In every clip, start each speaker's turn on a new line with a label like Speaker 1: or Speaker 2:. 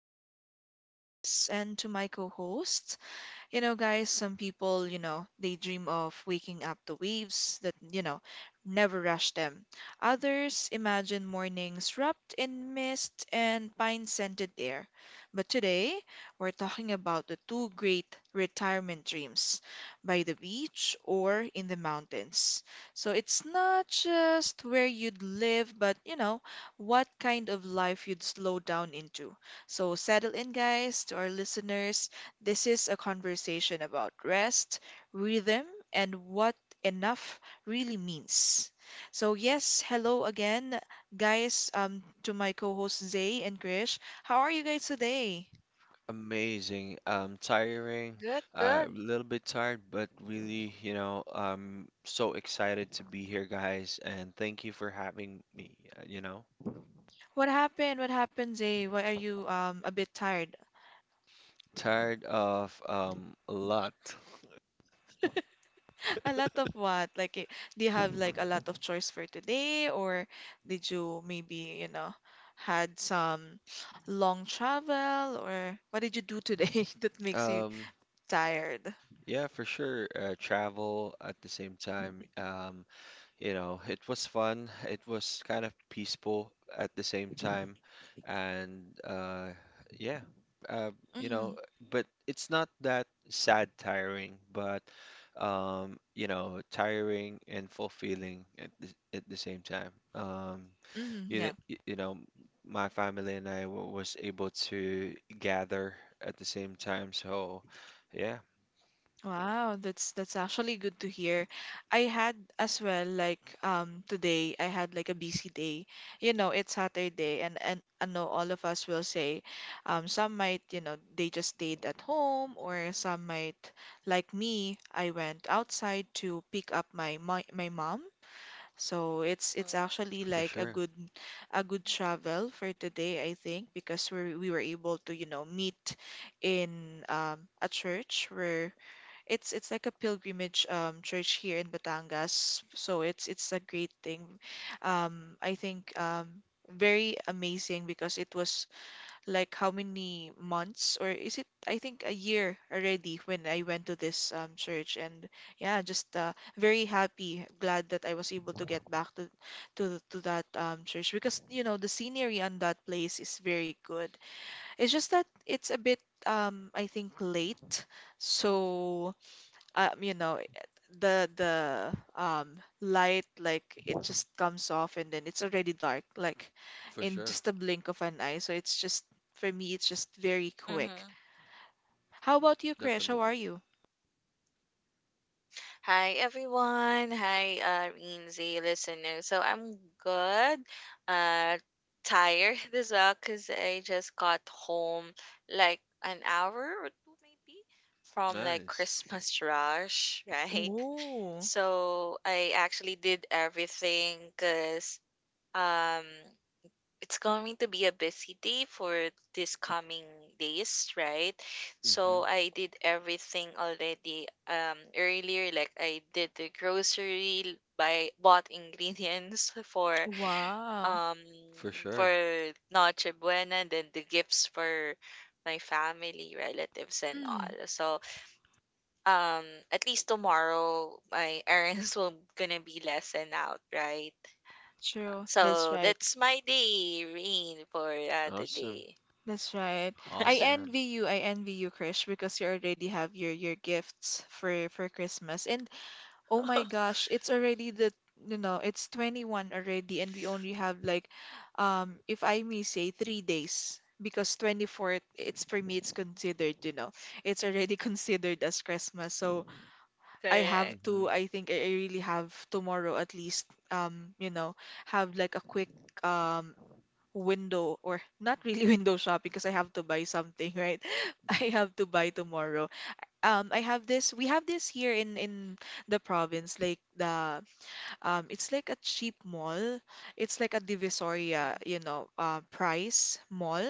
Speaker 1: our listeners and to my co host. Guys, some people, they dream of waking up to waves that, never rush them. Others imagine mornings wrapped in mist and pine-scented air. But today, we're talking about the two great retirement dreams, by the beach or in the mountains. So it's not just where you'd live, but what kind of life you'd slow down into. So settle in, guys, to our listeners. This is a conversation about rest, rhythm, and what enough really means. So, yes, hello again, guys, to my co-hosts Zay and Krish. How are you guys today?
Speaker 2: Amazing. Tiring,
Speaker 3: Good,
Speaker 2: a
Speaker 3: good.
Speaker 2: little bit tired, but really, you know, I'm so excited to be here, guys, and thank you for having me.
Speaker 1: What happened? What happened, Zay? Why are you a bit tired?
Speaker 2: Tired of a lot.
Speaker 1: A lot of what? Like, do you have like a lot of choice for today, or did you maybe, had some long travel, or what did you do today that makes you
Speaker 2: Um,
Speaker 1: tired?
Speaker 2: yeah, for sure. Travel at the same time. You know, it was fun. It was kind of peaceful at the same time, and yeah, uh, you know, but it's not that sad, tiring, but you know, tiring and fulfilling at the same time.
Speaker 1: Mm, yeah.
Speaker 2: You know, my family and I was able to gather at the same time, so yeah,
Speaker 1: Wow, that's actually good to hear. I had as well like today I had like a busy day. It's Saturday, and I know all of us will say, some might, they just stayed at home, or some might like me, I went outside to pick up my mom. So it's actually
Speaker 2: for
Speaker 1: like a
Speaker 2: sure,
Speaker 1: good a good travel for today, I think, because we were able to, you know, meet in, a church where it's like a pilgrimage, church here in Batangas. So it's a great thing. I think, very amazing because it was like how many months, or is it I think a year already when I went to this church. And yeah, just very happy, glad that I was able to get back to that church, because you know the scenery on that place is very good. It's just that it's a bit I think late. So um, you know, eh, the light, like it just comes off, and then it's already dark, like
Speaker 2: for
Speaker 1: in
Speaker 2: sure,
Speaker 1: just a blink of an eye. So it's just, for me, it's just very quick.
Speaker 3: Mm-hmm.
Speaker 1: How about you, Krish? How are
Speaker 2: definitely.
Speaker 1: you?
Speaker 3: Hi, everyone. Hi, Rinsy listener. So I'm good. Uh, Tired as well because I just got home like an hour or two maybe from like
Speaker 2: Nice.
Speaker 3: Christmas rush, right?
Speaker 1: Oh,
Speaker 3: So I actually did everything because um it's going to be a busy day for this coming days, right?
Speaker 2: Hmm.
Speaker 3: So I did everything already earlier. Like I did the grocery, buy bought ingredients
Speaker 1: wow.
Speaker 3: um
Speaker 2: For
Speaker 3: for
Speaker 2: sure.
Speaker 3: Noche Buena, and then the gifts for my family, relatives and all.
Speaker 1: Mm,
Speaker 3: So um at least tomorrow my errands will gonna be lessened out, right?
Speaker 1: true. That's
Speaker 3: So
Speaker 1: right.
Speaker 3: that's my day, Rain, for
Speaker 2: Awesome.
Speaker 3: today.
Speaker 1: That's right. I
Speaker 2: Awesome.
Speaker 1: envy you. I envy you, Krish, because you already have your gifts for Christmas. And oh my gosh, it's already the, you know, it's 21st already, and we only have like, if I may say, 3 days, because 24th, it's for me, it's considered, you know. It's already considered as Christmas. So I have
Speaker 3: Correct.
Speaker 1: to,
Speaker 2: Hmm.
Speaker 1: I think I really have tomorrow at least, you know, have like a quick, um window, or not really window shopping, because I have to buy something, right? I have to buy
Speaker 3: Mm,
Speaker 1: tomorrow, I have this, we have this here in the province, like the, it's like a cheap mall. It's like a
Speaker 3: mm,
Speaker 1: Divisoria,
Speaker 3: mm.
Speaker 1: you know, price mall.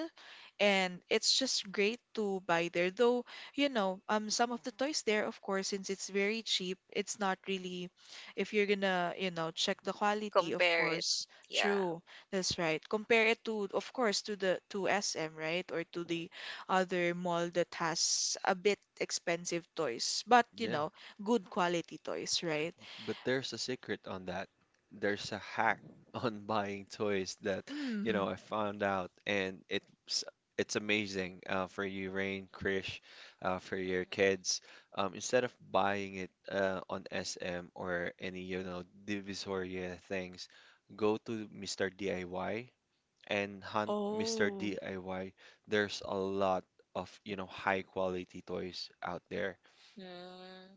Speaker 1: And it's just great to buy there. Though, you know, some of the toys there, of course, since it's very cheap, it's not really, if you're gonna, you know, check the quality, of
Speaker 3: Compare it.
Speaker 1: course.
Speaker 3: Yeah.
Speaker 1: True. That's right. Compare it to, of course, to the to SM, right? Or to the other mall that has a bit expensive toys, but you
Speaker 2: Yeah.
Speaker 1: know, good quality toys, right?
Speaker 2: But there's a secret on that. There's a hack on buying toys that, you
Speaker 1: Mm.
Speaker 2: know, I found out, and it's amazing for you, Rain, Krish, for your kids. Instead of buying it on SM or any, you know, divisoria things, go to Mr. DIY and hunt Mr.
Speaker 1: Oh,
Speaker 2: DIY. There's a lot of, you know, high quality toys out there.
Speaker 3: Mm-hmm. Mm, hmm.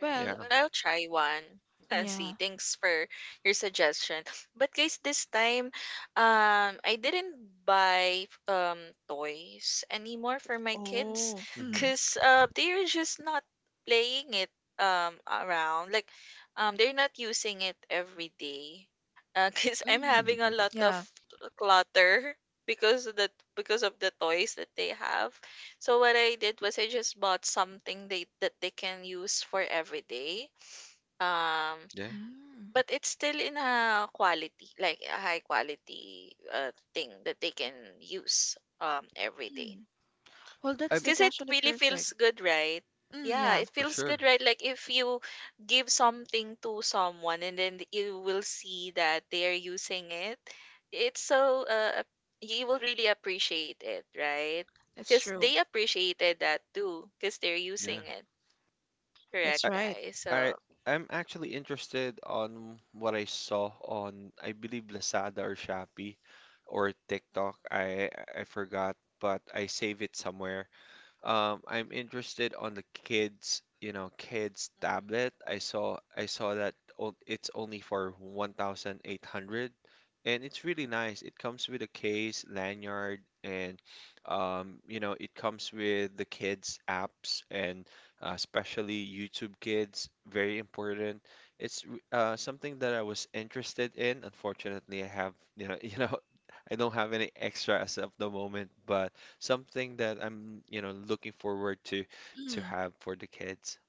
Speaker 3: Right.
Speaker 2: Yeah.
Speaker 3: Well, I'll try one. See.
Speaker 1: yeah.
Speaker 3: Thanks for your suggestion. But guys, this time, I didn't buy toys anymore for my kids,
Speaker 1: Oh,
Speaker 2: Hmm.
Speaker 1: mm,
Speaker 3: cause they're just not playing it around. Like, they're not using it every day. Cause I'm
Speaker 1: mm,
Speaker 3: having a lot of
Speaker 1: yeah.
Speaker 3: clutter because of the because of the toys that they have. So what I did was I just bought something they that they can use for every day. Um,
Speaker 2: Yeah.
Speaker 1: Mm,
Speaker 3: but it's still in a quality, like a high quality thing that they can use every day.
Speaker 1: mm. Well, that's
Speaker 2: I'm
Speaker 3: 'Cause
Speaker 1: that's
Speaker 3: it
Speaker 1: actually
Speaker 3: really
Speaker 1: perfect.
Speaker 3: feels good, right?
Speaker 1: Mm,
Speaker 3: Yeah,
Speaker 1: yeah,
Speaker 3: it
Speaker 2: For
Speaker 3: feels
Speaker 2: sure.
Speaker 3: good, right? Like if you give something to someone and then you will see that they are using it, it's so you will really appreciate it, right?
Speaker 1: that's
Speaker 3: Because
Speaker 1: true.
Speaker 3: they appreciated that too, because they're using
Speaker 2: Yeah.
Speaker 3: it, correct,
Speaker 1: That's
Speaker 2: I
Speaker 1: right.
Speaker 3: guys?
Speaker 2: I
Speaker 3: So
Speaker 2: I'm actually interested on what I saw on I believe Lazada or Shopee or TikTok. I forgot, but I save it somewhere. I'm interested on the kids, you know, kids
Speaker 3: hmm
Speaker 2: tablet. I saw that o- it's only for 1,800, and it's really nice. It comes with a case, lanyard, and you know, it comes with the kids apps, and especially YouTube Kids, very important. It's something that I was interested in. Unfortunately, I have, you know, you know, I don't have any extra as of the moment, but. Something that I'm, you know, looking forward to
Speaker 1: Mm,
Speaker 2: have for the kids.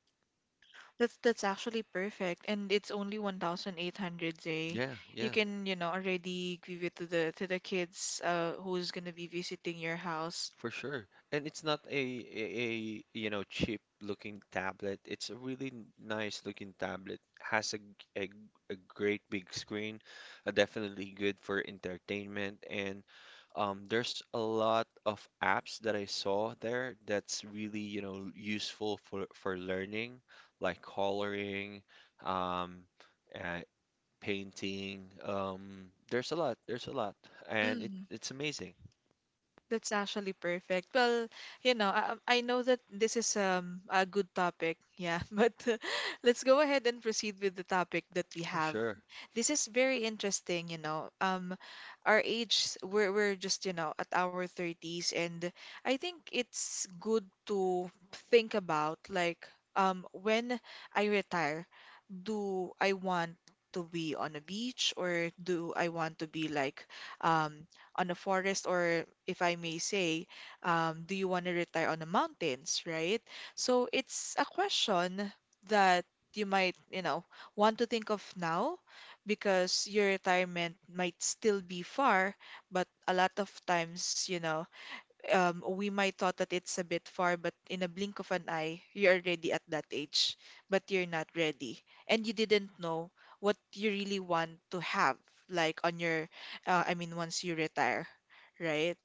Speaker 1: that's actually perfect, and it's only 1,800, Jay.
Speaker 2: Yeah,
Speaker 1: You
Speaker 2: yeah,
Speaker 1: can, you know, already give it to the kids who's gonna be visiting your house.
Speaker 2: for sure. And it's not a you know cheap looking tablet. It's a really n- nice looking tablet. Has a g- a great big screen, definitely good for entertainment. And there's a lot of apps that I saw there that's really you know useful for learning, like coloring, um, uh, painting. There's a lot, and it
Speaker 1: Mm.
Speaker 2: it's amazing
Speaker 1: That's actually perfect. Well, you know, I know that this is, a good topic, yeah, but let's go ahead and proceed with the topic that we
Speaker 2: for
Speaker 1: have.
Speaker 2: sure.
Speaker 1: This is very interesting, you know. Our age, we're just, you know, at our 30s, and I think it's good to think about, like, when I retire, do I want to be on a beach, or do I want to be like, um, on a forest, or if I may say, do you want to retire on the mountains, right? So it's a question that you might, you know, want to think of now, because your retirement might still be far, but a lot of times, you know, we might thought that it's a bit far, but in a blink of an eye, you're already at that age, but you're not ready. And you didn't know what you really want to have, like on your, I mean, once you retire, right?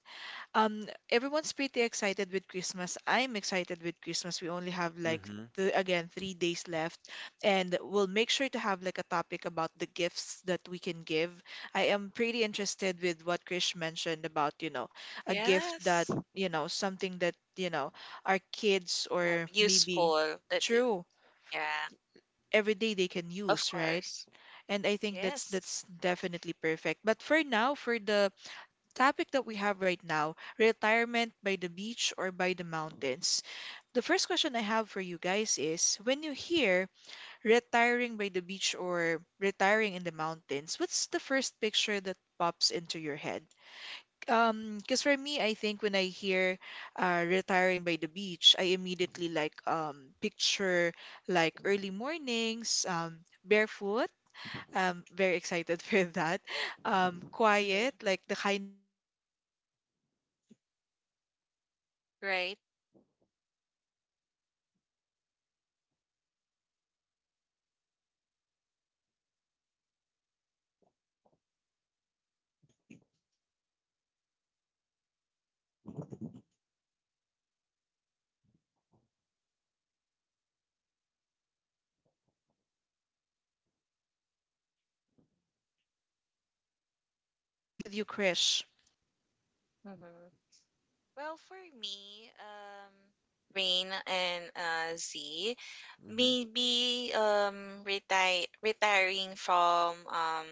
Speaker 1: Um, everyone's pretty excited with Christmas. I'm excited with Christmas. We only have like
Speaker 2: Mm-hmm.
Speaker 1: th again 3 days left, and we'll make sure to have like a topic about the gifts that we can give. I am pretty interested with what Krish mentioned about, you know, a gift that,
Speaker 3: yes,
Speaker 1: you know, something that, you know, our kids, or maybe
Speaker 3: useful.
Speaker 1: true,
Speaker 3: Yeah,
Speaker 1: every day they can
Speaker 3: of
Speaker 1: use, right?
Speaker 3: course.
Speaker 1: And I think that's
Speaker 3: Yes.
Speaker 1: that's definitely perfect. But for now, for the topic that we have right now, retirement by the beach or by the mountains. The first question I have for you guys is, when you hear retiring by the beach or retiring in the mountains, what's the first picture that pops into your head? Because for me, I think when I hear, retiring by the beach, I immediately like, picture like early mornings, barefoot. I'm very excited for that. Quiet,
Speaker 3: Mhm.
Speaker 1: like the kind of quiet that is, that is not, you know, empty.
Speaker 3: Right.
Speaker 1: And
Speaker 2: Yeah,
Speaker 1: I,
Speaker 2: yeah.
Speaker 1: I think it's because I grew up like around, busy days and constant movement. So the idea of the ocean feels like, you know, permission to slow, slow down without guilt. So what do you think about this, Zay?
Speaker 2: Can you guys hear me,
Speaker 1: Well, why not we go ahead and start with you, Krish?
Speaker 2: Krish?
Speaker 3: Mm-hmm. Well, for me, Rain and Z,
Speaker 2: Mm-hmm.
Speaker 3: maybe retire retiring from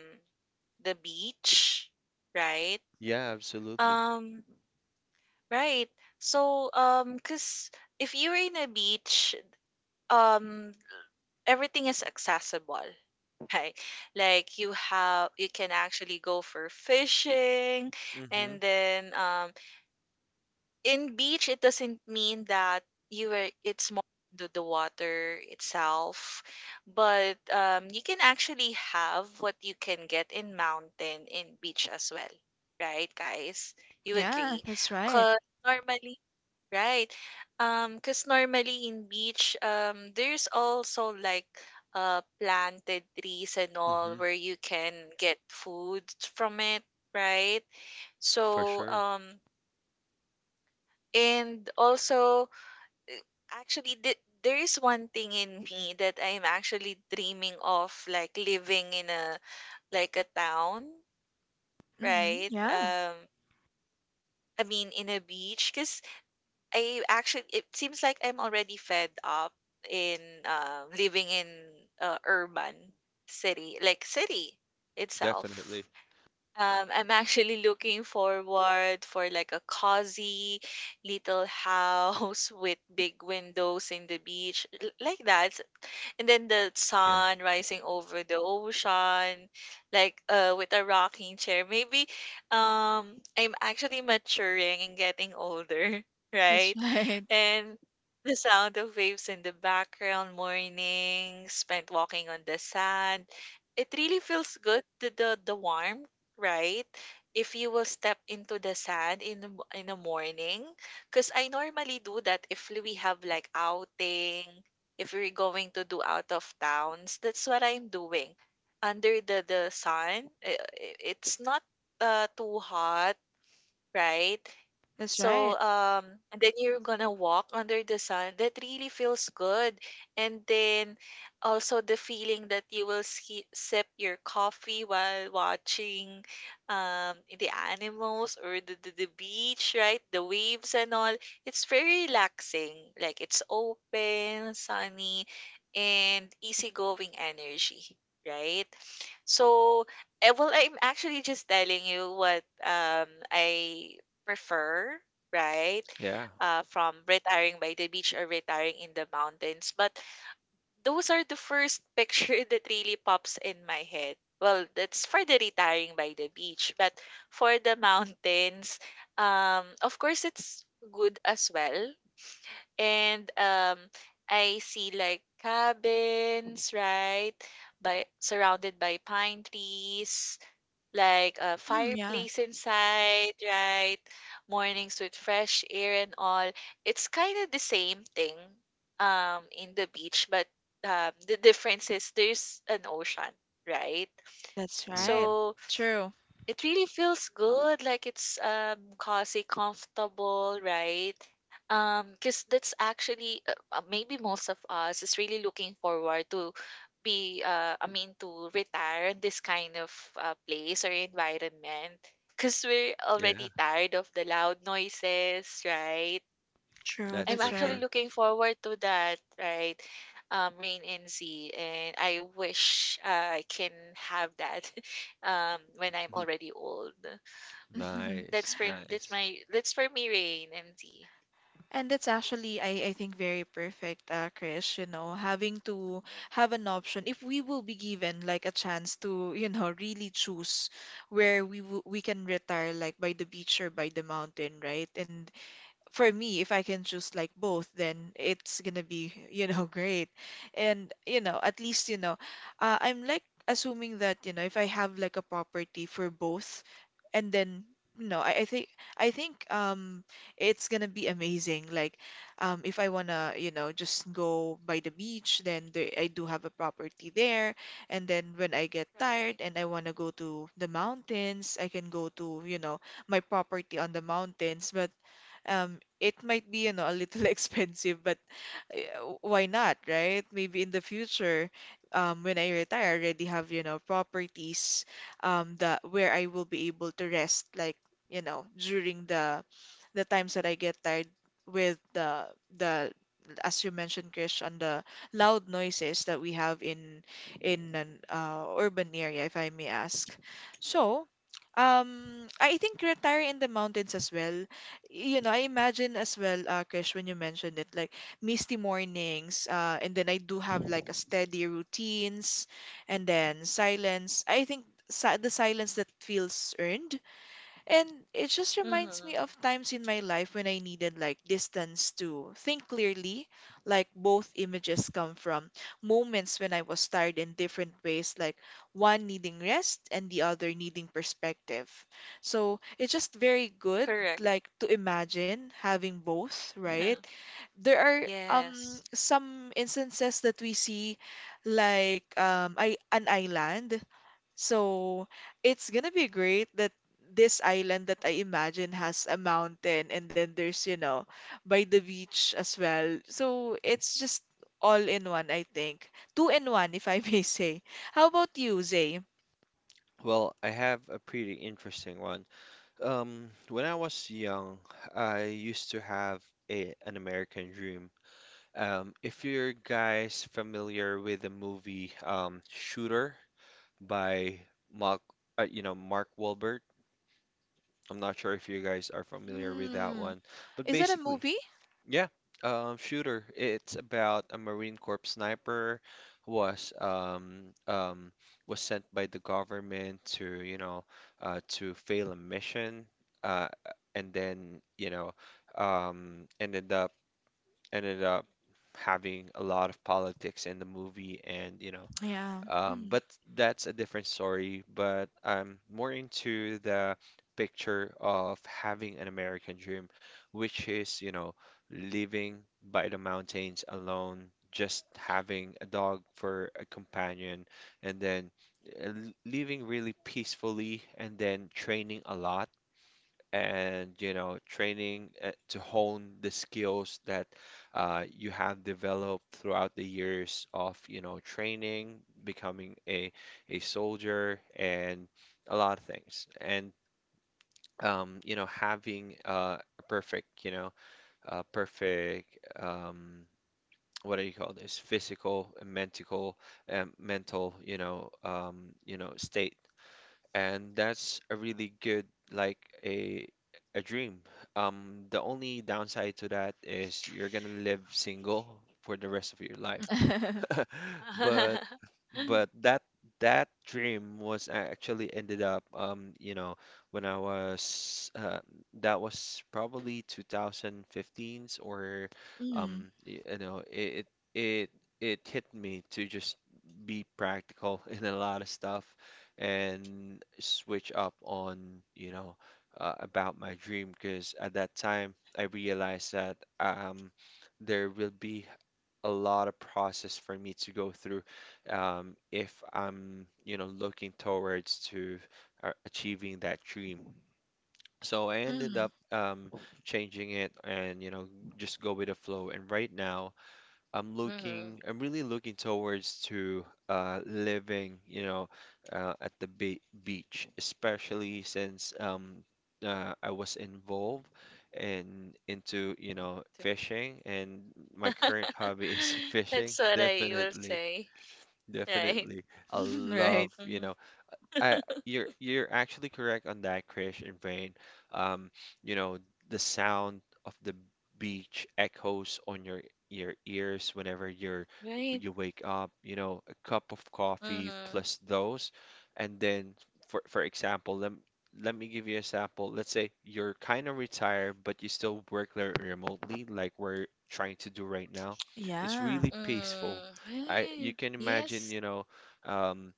Speaker 3: the beach, right?
Speaker 2: Yeah, absolutely.
Speaker 3: Um, right. So cause if you're in a beach, um, everything is accessible, right? Like you have, you can actually go for fishing,
Speaker 2: Mm-hmm.
Speaker 3: and then in beach it doesn't mean that you were, it's more the water itself, but you can actually have what you can get in mountain in beach as well, right guys, you
Speaker 1: Yeah,
Speaker 3: agree?
Speaker 1: that's right.
Speaker 3: Because normally, right, because normally in beach there's also like planted trees and all
Speaker 2: Mm-hmm.
Speaker 3: where you can get food from it, right?
Speaker 2: For
Speaker 3: So
Speaker 2: sure.
Speaker 3: um, and also actually, there is one thing in me that I am actually dreaming of, like living in a like a town,
Speaker 1: Hmm.
Speaker 3: right?
Speaker 1: Yeah,
Speaker 3: I mean, in a beach, because I actually, it seems like I'm already fed up in living in urban city, like city
Speaker 2: Definitely.
Speaker 3: itself. I'm actually looking forward for like a cozy little house with big windows in the beach, like that, and then the
Speaker 2: Yeah.
Speaker 3: sun rising over the ocean, like with a rocking chair maybe. Um, I'm actually maturing and getting older,
Speaker 1: that's
Speaker 3: right?
Speaker 1: right.
Speaker 3: And the sound of waves in the background, morning spent walking on the sand, it really feels good, the warmth, right? If you will step into the sand in the, in the morning, because I normally do that. If we have like outing, if we're going to do out of towns, that's what I'm doing. Under the sun, it's not too hot, right?
Speaker 1: That's
Speaker 3: So,
Speaker 1: right.
Speaker 3: and then you're gonna walk under the sun. That really feels good. And then also the feeling that you will ski sip your coffee while watching the animals or the beach, right? The waves and all. It's very relaxing. Like it's open, sunny, and easygoing energy, right? So, eh, well, I'm actually just telling you what I prefer, right?
Speaker 2: Yeah.
Speaker 3: From retiring by the beach or retiring in the mountains. But those are the first picture that really pops in my head. Well, that's for the retiring by the beach, but for the mountains, of course, it's good as well. And I see like cabins, right? By surrounded by pine trees, like a
Speaker 1: Mm, yeah,
Speaker 3: fireplace inside, right? Mornings with fresh air and all. It's kind of the same thing in the beach, but the difference is there's an ocean, right?
Speaker 1: that's
Speaker 2: Mm-hmm.
Speaker 1: right.
Speaker 3: So
Speaker 1: True.
Speaker 3: it really feels good, like it's cozy, comfortable, right? Because that's actually maybe most of us is really looking forward to be I mean to retire in this kind of place or environment, because we're
Speaker 2: Yeah,
Speaker 3: already tired of the loud noises, right?
Speaker 1: True,
Speaker 2: that's
Speaker 3: I'm
Speaker 1: that's
Speaker 2: for
Speaker 3: actually
Speaker 1: right.
Speaker 2: sure.
Speaker 3: looking forward to that, right? Rain NC, and I wish I can have that when I'm already old.
Speaker 2: Nice,
Speaker 3: That's for m that's
Speaker 2: nice.
Speaker 3: my that's for me, Rain and T.
Speaker 1: And that's actually, I think, very perfect, Chris, you know, having to
Speaker 3: Mhm.
Speaker 1: have an option. If we will be given like a chance to, you know, really choose where we can retire, like by the beach or by the mountain, right? And for me, if I can choose like both, then it's gonna be, you know, great. And, you know, at least, you know, I'm like assuming that, you know, if I have like a property for both, and then, you know, I think, I think, it's gonna be amazing. Like, if I wanna, you know, just go by the beach, then there, I do have a property there. And then when I get
Speaker 3: Right.
Speaker 1: tired and I wanna go to the mountains, I can go to, you know, my property on the mountains. But it might be, you know, a little expensive, but why not, right? Maybe in the future, when I retire, I already have, you know, properties, that where I will be able to rest, like, you know, during the times that I get tired with the as you mentioned, Krish, on the loud noises that we have in an, urban area, if I may ask. So, I think retire in the mountains as well. You know, I imagine as well, Krish, when you mentioned it, like misty mornings, and then I do have like a steady routines, and then silence, I think, the silence that feels earned. And it just reminds me
Speaker 3: Mhm.
Speaker 1: of times in my life when I needed like distance to think clearly, like both images come from moments when I was tired in different ways, like one needing rest and the other needing perspective. So it's just very good,
Speaker 3: Correct.
Speaker 1: like to imagine having both, right? There are,
Speaker 3: Yes.
Speaker 1: some instances that we see, like, I an island. So it's gonna be great that this island that I imagine has a mountain, and then there's, you know, by the beach as well. So it's just all in one, I think. Two in one, if I may say. How about you, Zay?
Speaker 2: Well, I have a pretty interesting one. When I was young, I used to have a an American dream. If you're guys familiar with the movie Shooter by Mark, Mark Wahlberg, I'm not sure if you guys are familiar with that
Speaker 1: Mm.
Speaker 2: one, but
Speaker 1: Is that a
Speaker 2: basically,
Speaker 1: movie?
Speaker 2: yeah, Shooter. It's about a Marine Corps sniper who was sent by the government to, you know, to fail a mission, uh, and then, you know, um, ended up ended up having a lot of politics in the movie, and you know
Speaker 1: Yeah. Mm.
Speaker 2: but that's a different story, but I'm more into the picture of having an American dream, which is you know living by the mountains alone, just having a dog for a companion, and then uh, living really peacefully and then training a lot, and you know training to hone the skills that you have developed throughout the years of you know training, becoming a soldier, and a lot of things. And you know having a perfect what do you call this, physical and mental mental you know state. And that's a really good like a a dream. The only downside to that is you're gonna live single for the rest of your life.
Speaker 3: Mhm.
Speaker 2: but
Speaker 3: Mhm.
Speaker 2: but that dream was a- actually ended up you know when I was that was probably 2015s, or
Speaker 1: Mm.
Speaker 2: y- you know it it hit me to just be practical in a lot of stuff and switch up on you know about my dream, because at that time I realized that um there will be a lot of process for me to go through if I'm, you know, looking towards to achieving that dream. So I ended
Speaker 1: Mm.
Speaker 2: up changing it, and, you know, just go with the flow. And right now, I'm really looking towards to living, you know, at the be beach, especially since I was involved and into, you know, fishing, and my current hobby is fishing.
Speaker 3: That's what I will
Speaker 2: Definitely,
Speaker 3: say. Right.
Speaker 2: definitely, I
Speaker 1: Right.
Speaker 2: love, you
Speaker 3: Mhm.
Speaker 2: know. I you're actually correct on that, Krish and Rain. Um, you know, the sound of the beach echoes on your ears whenever
Speaker 3: Right.
Speaker 2: you wake up, you know, a cup of coffee
Speaker 3: Mhm.
Speaker 2: plus those. And then for example, let me give you a sample. Let's say you're kind of retired, but you still work le- remotely, like we're trying to do right now. It's
Speaker 1: Yeah.
Speaker 2: really peaceful.
Speaker 3: Mhm.
Speaker 2: I you
Speaker 3: Right.
Speaker 2: can imagine,
Speaker 3: Yes.
Speaker 2: you know, um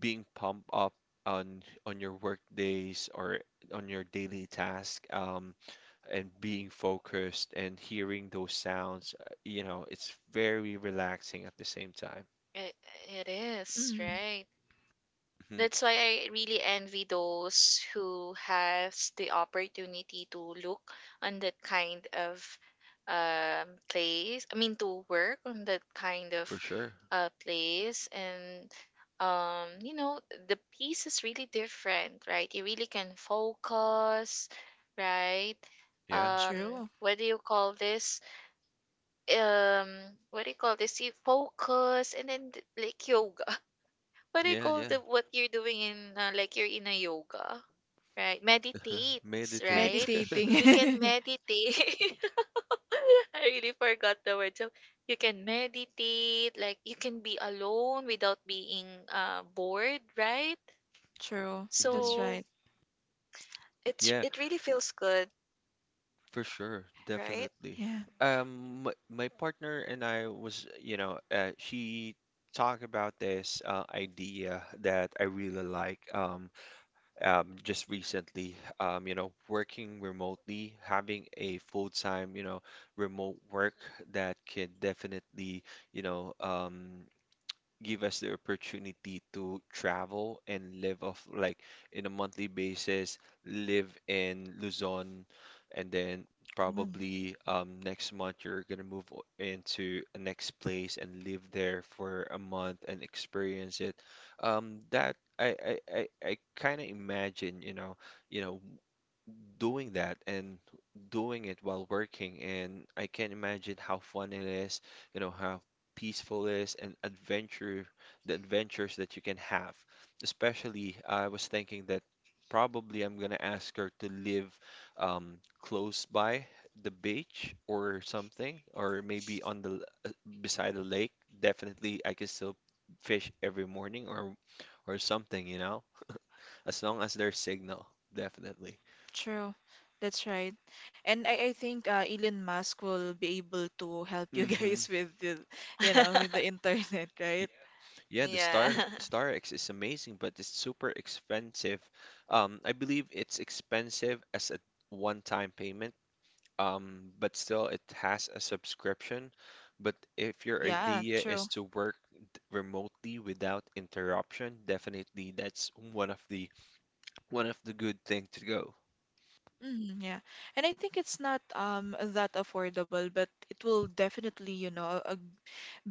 Speaker 2: being pumped up on your work days or on your daily task and being focused and hearing those sounds, you know, it's very relaxing at the same time.
Speaker 3: It, it is,
Speaker 1: Mm.
Speaker 3: right?
Speaker 2: Hmm.
Speaker 3: That's why I really envy those who has the opportunity to look on that kind of place. I mean, to work on that kind
Speaker 2: For
Speaker 3: of
Speaker 2: sure.
Speaker 3: place, and you know, the piece is really different, right? You really can focus, right?
Speaker 2: Yeah.
Speaker 3: Um,
Speaker 1: True.
Speaker 3: what do you call this? Um, what do you call this? You focus, and then like yoga, what do you
Speaker 2: Yeah,
Speaker 3: call
Speaker 2: yeah.
Speaker 3: the what you're doing in, like you're in a yoga, right? Meditates,
Speaker 2: Meditate.
Speaker 3: right? You can
Speaker 1: Meditating.
Speaker 3: meditate. I really forgot the word. So you can meditate, like you can be alone without being bored, right?
Speaker 1: True.
Speaker 2: Hmm.
Speaker 1: That's
Speaker 3: So
Speaker 1: right.
Speaker 3: It's
Speaker 2: Yeah,
Speaker 3: it really feels good,
Speaker 2: for sure,
Speaker 3: right?
Speaker 2: definitely.
Speaker 1: Yeah.
Speaker 2: My partner and I was, you know, she talked about this idea that I really like. Um, just recently, you know, working remotely, having a full-time, you know, remote work that can definitely, you know, give us the opportunity to travel and live off like in a monthly basis, live in Luzon, and then
Speaker 1: Mm.
Speaker 2: probably next month you're gonna move o- into a next place and live there for a month and experience it. That I kind of imagine, you know doing that and doing it while working. And I can imagine how fun it is, you know, how peaceful it is, and adventure, the adventures that you can have. Especially, I was thinking that probably I'm gonna ask her to live close by the beach or something, or maybe on uh, beside the lake. Definitely, I can still fish every morning or something, you know, as long as there's signal, definitely.
Speaker 1: True. That's right. And I think, Elon Musk will be able to help you
Speaker 2: Mm-hmm.
Speaker 1: guys with the, you know, with the internet, right?
Speaker 2: Yeah, the Star
Speaker 3: Yeah.
Speaker 2: Star X is amazing, but it's super expensive. I believe it's expensive as a one-time payment, but still it has a subscription. But if your
Speaker 1: Yeah,
Speaker 2: idea is
Speaker 1: true.
Speaker 2: to work d- remotely without interruption, definitely that's one of the good thing to go.
Speaker 1: Mm, yeah. And I think it's not that affordable, but it will definitely, you know, a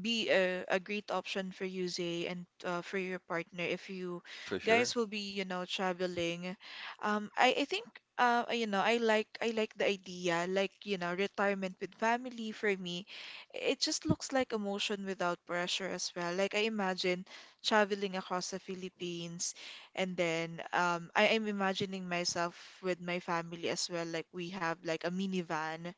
Speaker 1: be a great option for you, Zay, and for your partner if you
Speaker 2: For sure.
Speaker 1: guys will be, you know, traveling. I think I like the idea, retirement with family for me. It just looks like emotion without pressure as well. Like I imagine traveling across the Philippines, and then I am imagining myself with my family as well. Like we have like a minivan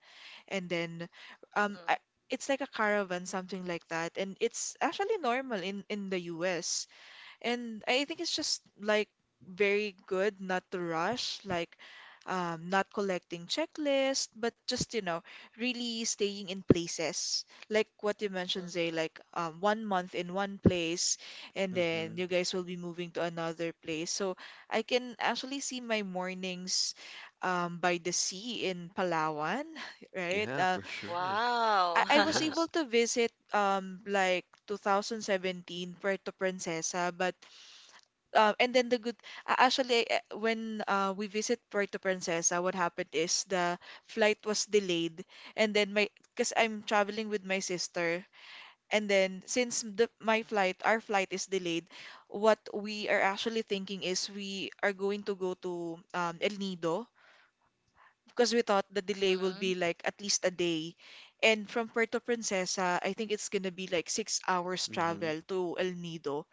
Speaker 1: and then um I,
Speaker 3: Mm-hmm,
Speaker 1: it's like a caravan, something like that, and it's actually normal in the US. And I think it's just like very good not to rush, like not collecting checklist, but just really staying in places. Like what you mentioned, Zay,
Speaker 3: mm-hmm.
Speaker 1: like 1 month in one place, and then you
Speaker 2: Mm-hmm.
Speaker 1: guys will be moving to another place. So I can actually see my mornings by the sea in Palawan, right?
Speaker 2: Yeah, for sure.
Speaker 3: Wow.
Speaker 1: I was able
Speaker 2: Yes.
Speaker 1: to visit like 2017 Puerto Princesa, but and then the good actually eh, when we visit Puerto Princesa, what happened is the flight was delayed, and then my because I'm traveling with my sister, and then since our flight is delayed, what we are actually thinking is we are going to go to El Nido because we thought the delay will
Speaker 3: Mm-hmm.
Speaker 1: be like at least a day. And from Puerto Princesa, I think it's gonna be like 6 hours
Speaker 2: Mm-hmm.
Speaker 1: travel to El Nido,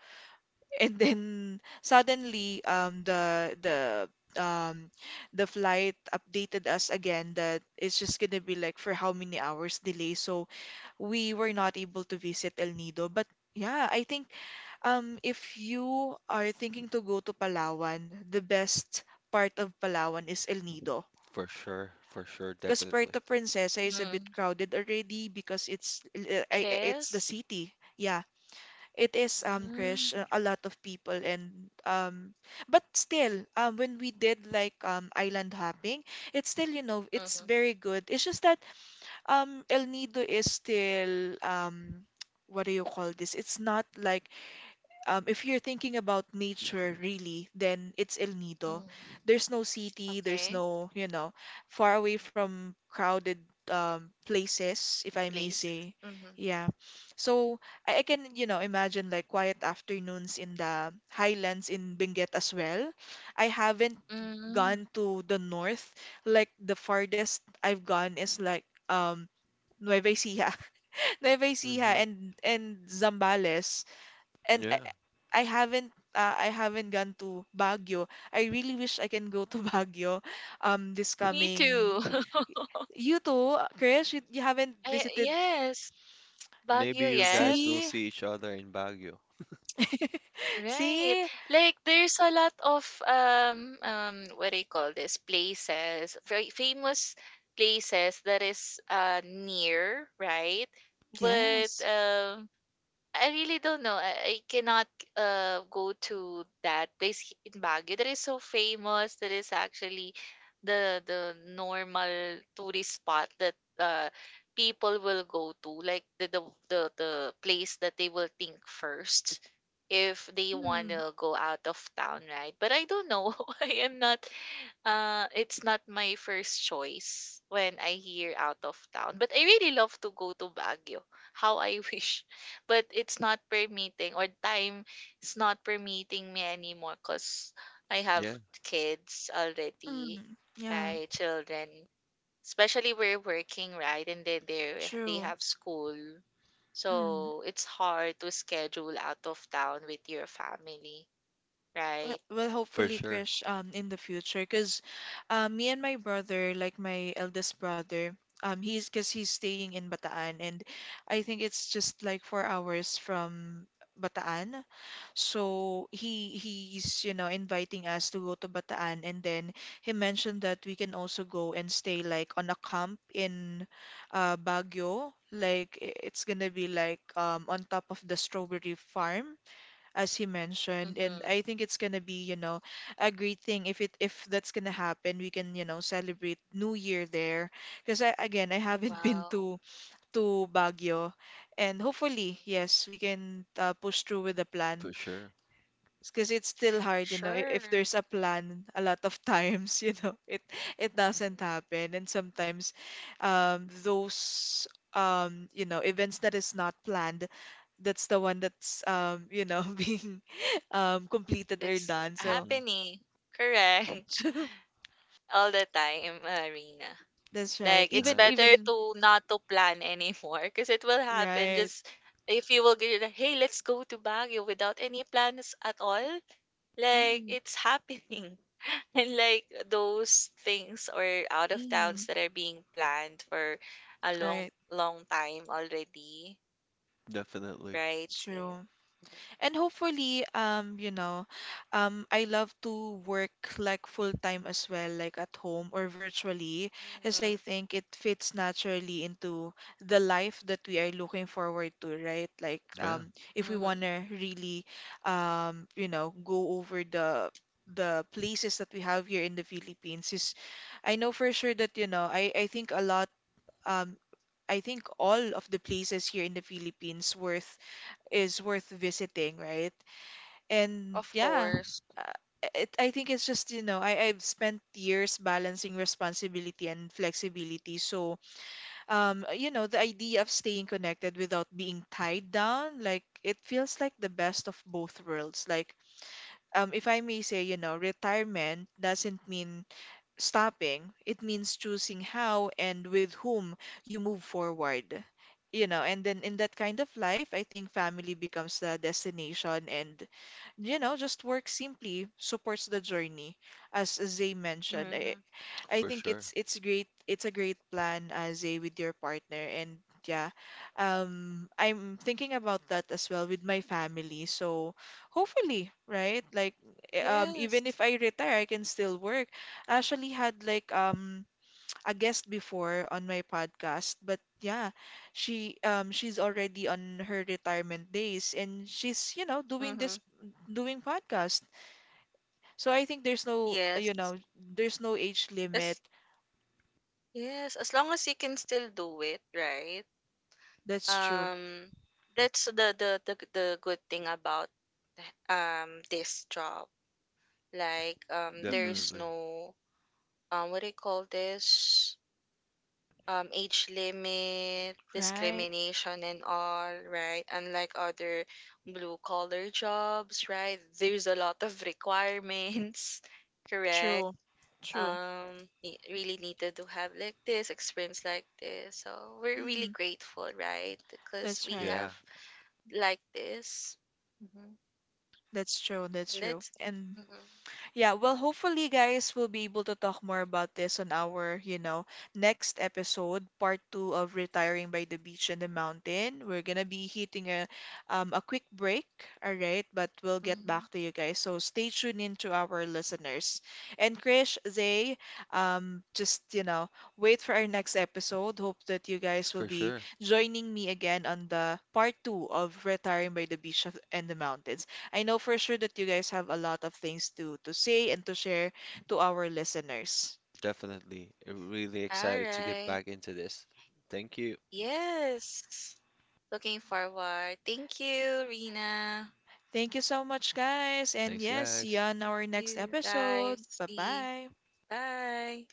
Speaker 1: and then suddenly um the flight updated us again that it's just gonna be like for how many hours delay, so we were not able to visit El Nido. But yeah, I think if you are thinking to go to Palawan, the best part of Palawan is El Nido,
Speaker 2: For sure. For sure.
Speaker 1: because
Speaker 2: Definitely.
Speaker 1: Puerto Princesa is a bit
Speaker 3: Mm.
Speaker 1: crowded already because it's
Speaker 3: It
Speaker 1: it's the
Speaker 3: is.
Speaker 1: city. Yeah, it is,
Speaker 3: Mm.
Speaker 1: Krish, a lot of people. And But still, when we did like island hopping, it's still, you know, it's
Speaker 3: Mm-hmm.
Speaker 1: very good. It's just that El Nido is still what do you call this? It's not like if you're thinking about nature really, then it's El Nido.
Speaker 3: Mm.
Speaker 1: There's no city, there's
Speaker 3: Okay.
Speaker 1: no, you know, far away from crowded places, if I may
Speaker 3: Place.
Speaker 1: say.
Speaker 3: Mhm.
Speaker 1: Yeah. So I can, you know, imagine like quiet afternoons in the highlands in Benguet as well. I haven't
Speaker 3: Mm.
Speaker 1: gone to the north. Like the farthest I've gone is like Nueva Ecija. Nueva
Speaker 2: Mm-hmm.
Speaker 1: Ecija and Zambales. And
Speaker 2: Yeah.
Speaker 1: I haven't gone to Baguio. I really wish I can go to Baguio this
Speaker 3: Me
Speaker 1: coming.
Speaker 3: too.
Speaker 1: You too, Krish, you haven't
Speaker 3: I
Speaker 1: visited.
Speaker 3: yes,
Speaker 2: Maybe
Speaker 3: Baguio
Speaker 2: you
Speaker 3: yet.
Speaker 2: guys will
Speaker 1: See?
Speaker 2: see each other in Baguio.
Speaker 3: Right.
Speaker 1: See?
Speaker 3: Like there's a lot of what do you call this? Places, very famous places that is near, right? But
Speaker 1: Yes.
Speaker 3: um, I really don't know. I cannot go to that place in Baguio that is so famous. That is actually the normal tourist spot that people will go to, like the place that they will think first if they want
Speaker 1: Mm,
Speaker 3: to go out of town, right? But I don't know. I am not. It's not my first choice when I hear out of town. But I really love to go to Baguio. How I wish. But it's not permitting, or time is not permitting me anymore because I have
Speaker 2: Yeah,
Speaker 3: kids already,
Speaker 1: mm, yeah,
Speaker 3: right? Children. Especially we're working, right? And then they
Speaker 1: true.
Speaker 3: have school.
Speaker 1: Mm.
Speaker 3: So it's hard to schedule out of town with your family, right?
Speaker 1: Well,
Speaker 2: for
Speaker 1: hopefully,
Speaker 2: sure.
Speaker 1: Krish, in the future, because me and my brother, like my eldest brother, he's because he's staying in Bataan, and I think it's just like 4 hours from Bataan. So he's, you know, inviting us to go to Bataan, and then he mentioned that we can also go and stay like on a camp in Baguio. Like it's gonna be like on top of the strawberry farm as he mentioned. And
Speaker 3: Mm-hmm.
Speaker 1: I think it's gonna be, you know, a great thing if that's gonna happen. We can, you know, celebrate New Year there. Because I, again, I haven't been
Speaker 3: Wow.
Speaker 1: to Baguio, and hopefully, yes, we can push through with the plan.
Speaker 2: For sure.
Speaker 1: Because it's still hard, you know, if
Speaker 3: Sure.
Speaker 1: there's a plan, a lot of times, you know, it doesn't
Speaker 3: Mm.
Speaker 1: happen, and sometimes those you know, events that is not planned, that's the one that's you know being completed or
Speaker 3: It's
Speaker 1: done. So
Speaker 2: Hmm.
Speaker 3: happening. Correct. All the time, Marina.
Speaker 1: that's
Speaker 3: Like
Speaker 1: right.
Speaker 3: it's
Speaker 1: Even
Speaker 3: better
Speaker 2: Nice.
Speaker 3: to not to plan anymore because it will happen.
Speaker 1: right.
Speaker 3: Just if you will get like, hey, let's go to Baguio without any plans at all. Like
Speaker 1: Mm,
Speaker 3: it's happening. And like those things or out of towns
Speaker 1: mm,
Speaker 3: that are being planned for a long
Speaker 1: right,
Speaker 3: long time already,
Speaker 2: Definitely.
Speaker 3: right?
Speaker 1: true.
Speaker 3: Yeah.
Speaker 1: And hopefully, I love to work like full time as well, like at home or virtually, as I
Speaker 3: Mhm,
Speaker 1: think it fits naturally into the life that we are looking forward to, right? Like,
Speaker 2: Yeah,
Speaker 1: if we
Speaker 3: mhm.
Speaker 1: wanna really, go over the places that we have here in the Philippines, I know for sure that, you know, I think a lot, um, I think all of the places here in the Philippines worth is worth visiting, right? And
Speaker 3: Of
Speaker 1: yeah,
Speaker 3: course.
Speaker 1: uh, I think it's just, you know, I've spent years balancing responsibility and flexibility. So you know, the idea of staying connected without being tied down, like, it feels like the best of both worlds. Like, if I may say, you know, retirement doesn't mean stopping, it means choosing how and with whom you move forward. You know, and then in that kind of life, I think family becomes the destination, and, you know, just work simply supports the journey. As Zay mentioned,
Speaker 3: Mhm.
Speaker 1: I
Speaker 2: for
Speaker 1: think
Speaker 2: sure.
Speaker 1: it's great. It's a great plan, Aze, with your partner. And yeah, I'm thinking about that as well with my family. So hopefully, right? Like, even
Speaker 3: Yes.
Speaker 1: if I retire, I can still work. I actually had like a guest before on my podcast, but yeah, she's already on her retirement days, and she's, you know,
Speaker 3: Mhm.
Speaker 1: doing podcast. So I think there's no, you
Speaker 3: Yes.
Speaker 1: know, there's no age limit.
Speaker 3: As yes, as long as you can still do it, right?
Speaker 1: That's true.
Speaker 3: Um, that's the good thing about this job. Like
Speaker 1: Mm,
Speaker 3: there's
Speaker 2: Definitely.
Speaker 3: no what do you call this? Age limit,
Speaker 1: right.
Speaker 3: discrimination, and all, right? Unlike other blue collar jobs, right? There's a lot of requirements, correct?
Speaker 1: True. True.
Speaker 3: Um, really needed to have like this experience, like this, so we're really
Speaker 1: Mm,
Speaker 3: grateful, right, because
Speaker 1: that's
Speaker 3: we
Speaker 1: right.
Speaker 3: have
Speaker 2: Yeah,
Speaker 3: like this. Hmm.
Speaker 1: That's true. That's
Speaker 3: And
Speaker 1: true.
Speaker 3: that's
Speaker 1: And
Speaker 3: mhm.
Speaker 1: yeah, well, hopefully, guys, we'll be able to talk more about this on our, you know, next episode, part two of Retiring by the Beach and the Mountain. We're gonna be hitting a quick break, all right, but we'll get
Speaker 3: Mhm.
Speaker 1: back to you guys. So stay tuned in to our listeners. And Krish, Zay, just, you know, wait for our next episode. Hope that you guys will
Speaker 2: for
Speaker 1: be
Speaker 2: sure.
Speaker 1: joining me again on the part two of Retiring by the Beach and the Mountain. I know for sure that you guys have a lot of things to say and to share to our listeners.
Speaker 2: Definitely. Really
Speaker 3: All
Speaker 2: excited to get
Speaker 3: right.
Speaker 2: back into this. Thank you.
Speaker 3: Yes, looking forward. Thank you, Rena.
Speaker 1: Thank you so much, guys. And
Speaker 2: Thanks,
Speaker 1: yes, see you
Speaker 2: guys.
Speaker 1: on
Speaker 3: Thank
Speaker 1: our next
Speaker 3: you,
Speaker 1: episode.
Speaker 3: guys.
Speaker 1: Bye
Speaker 3: See you.
Speaker 1: bye.
Speaker 3: Bye.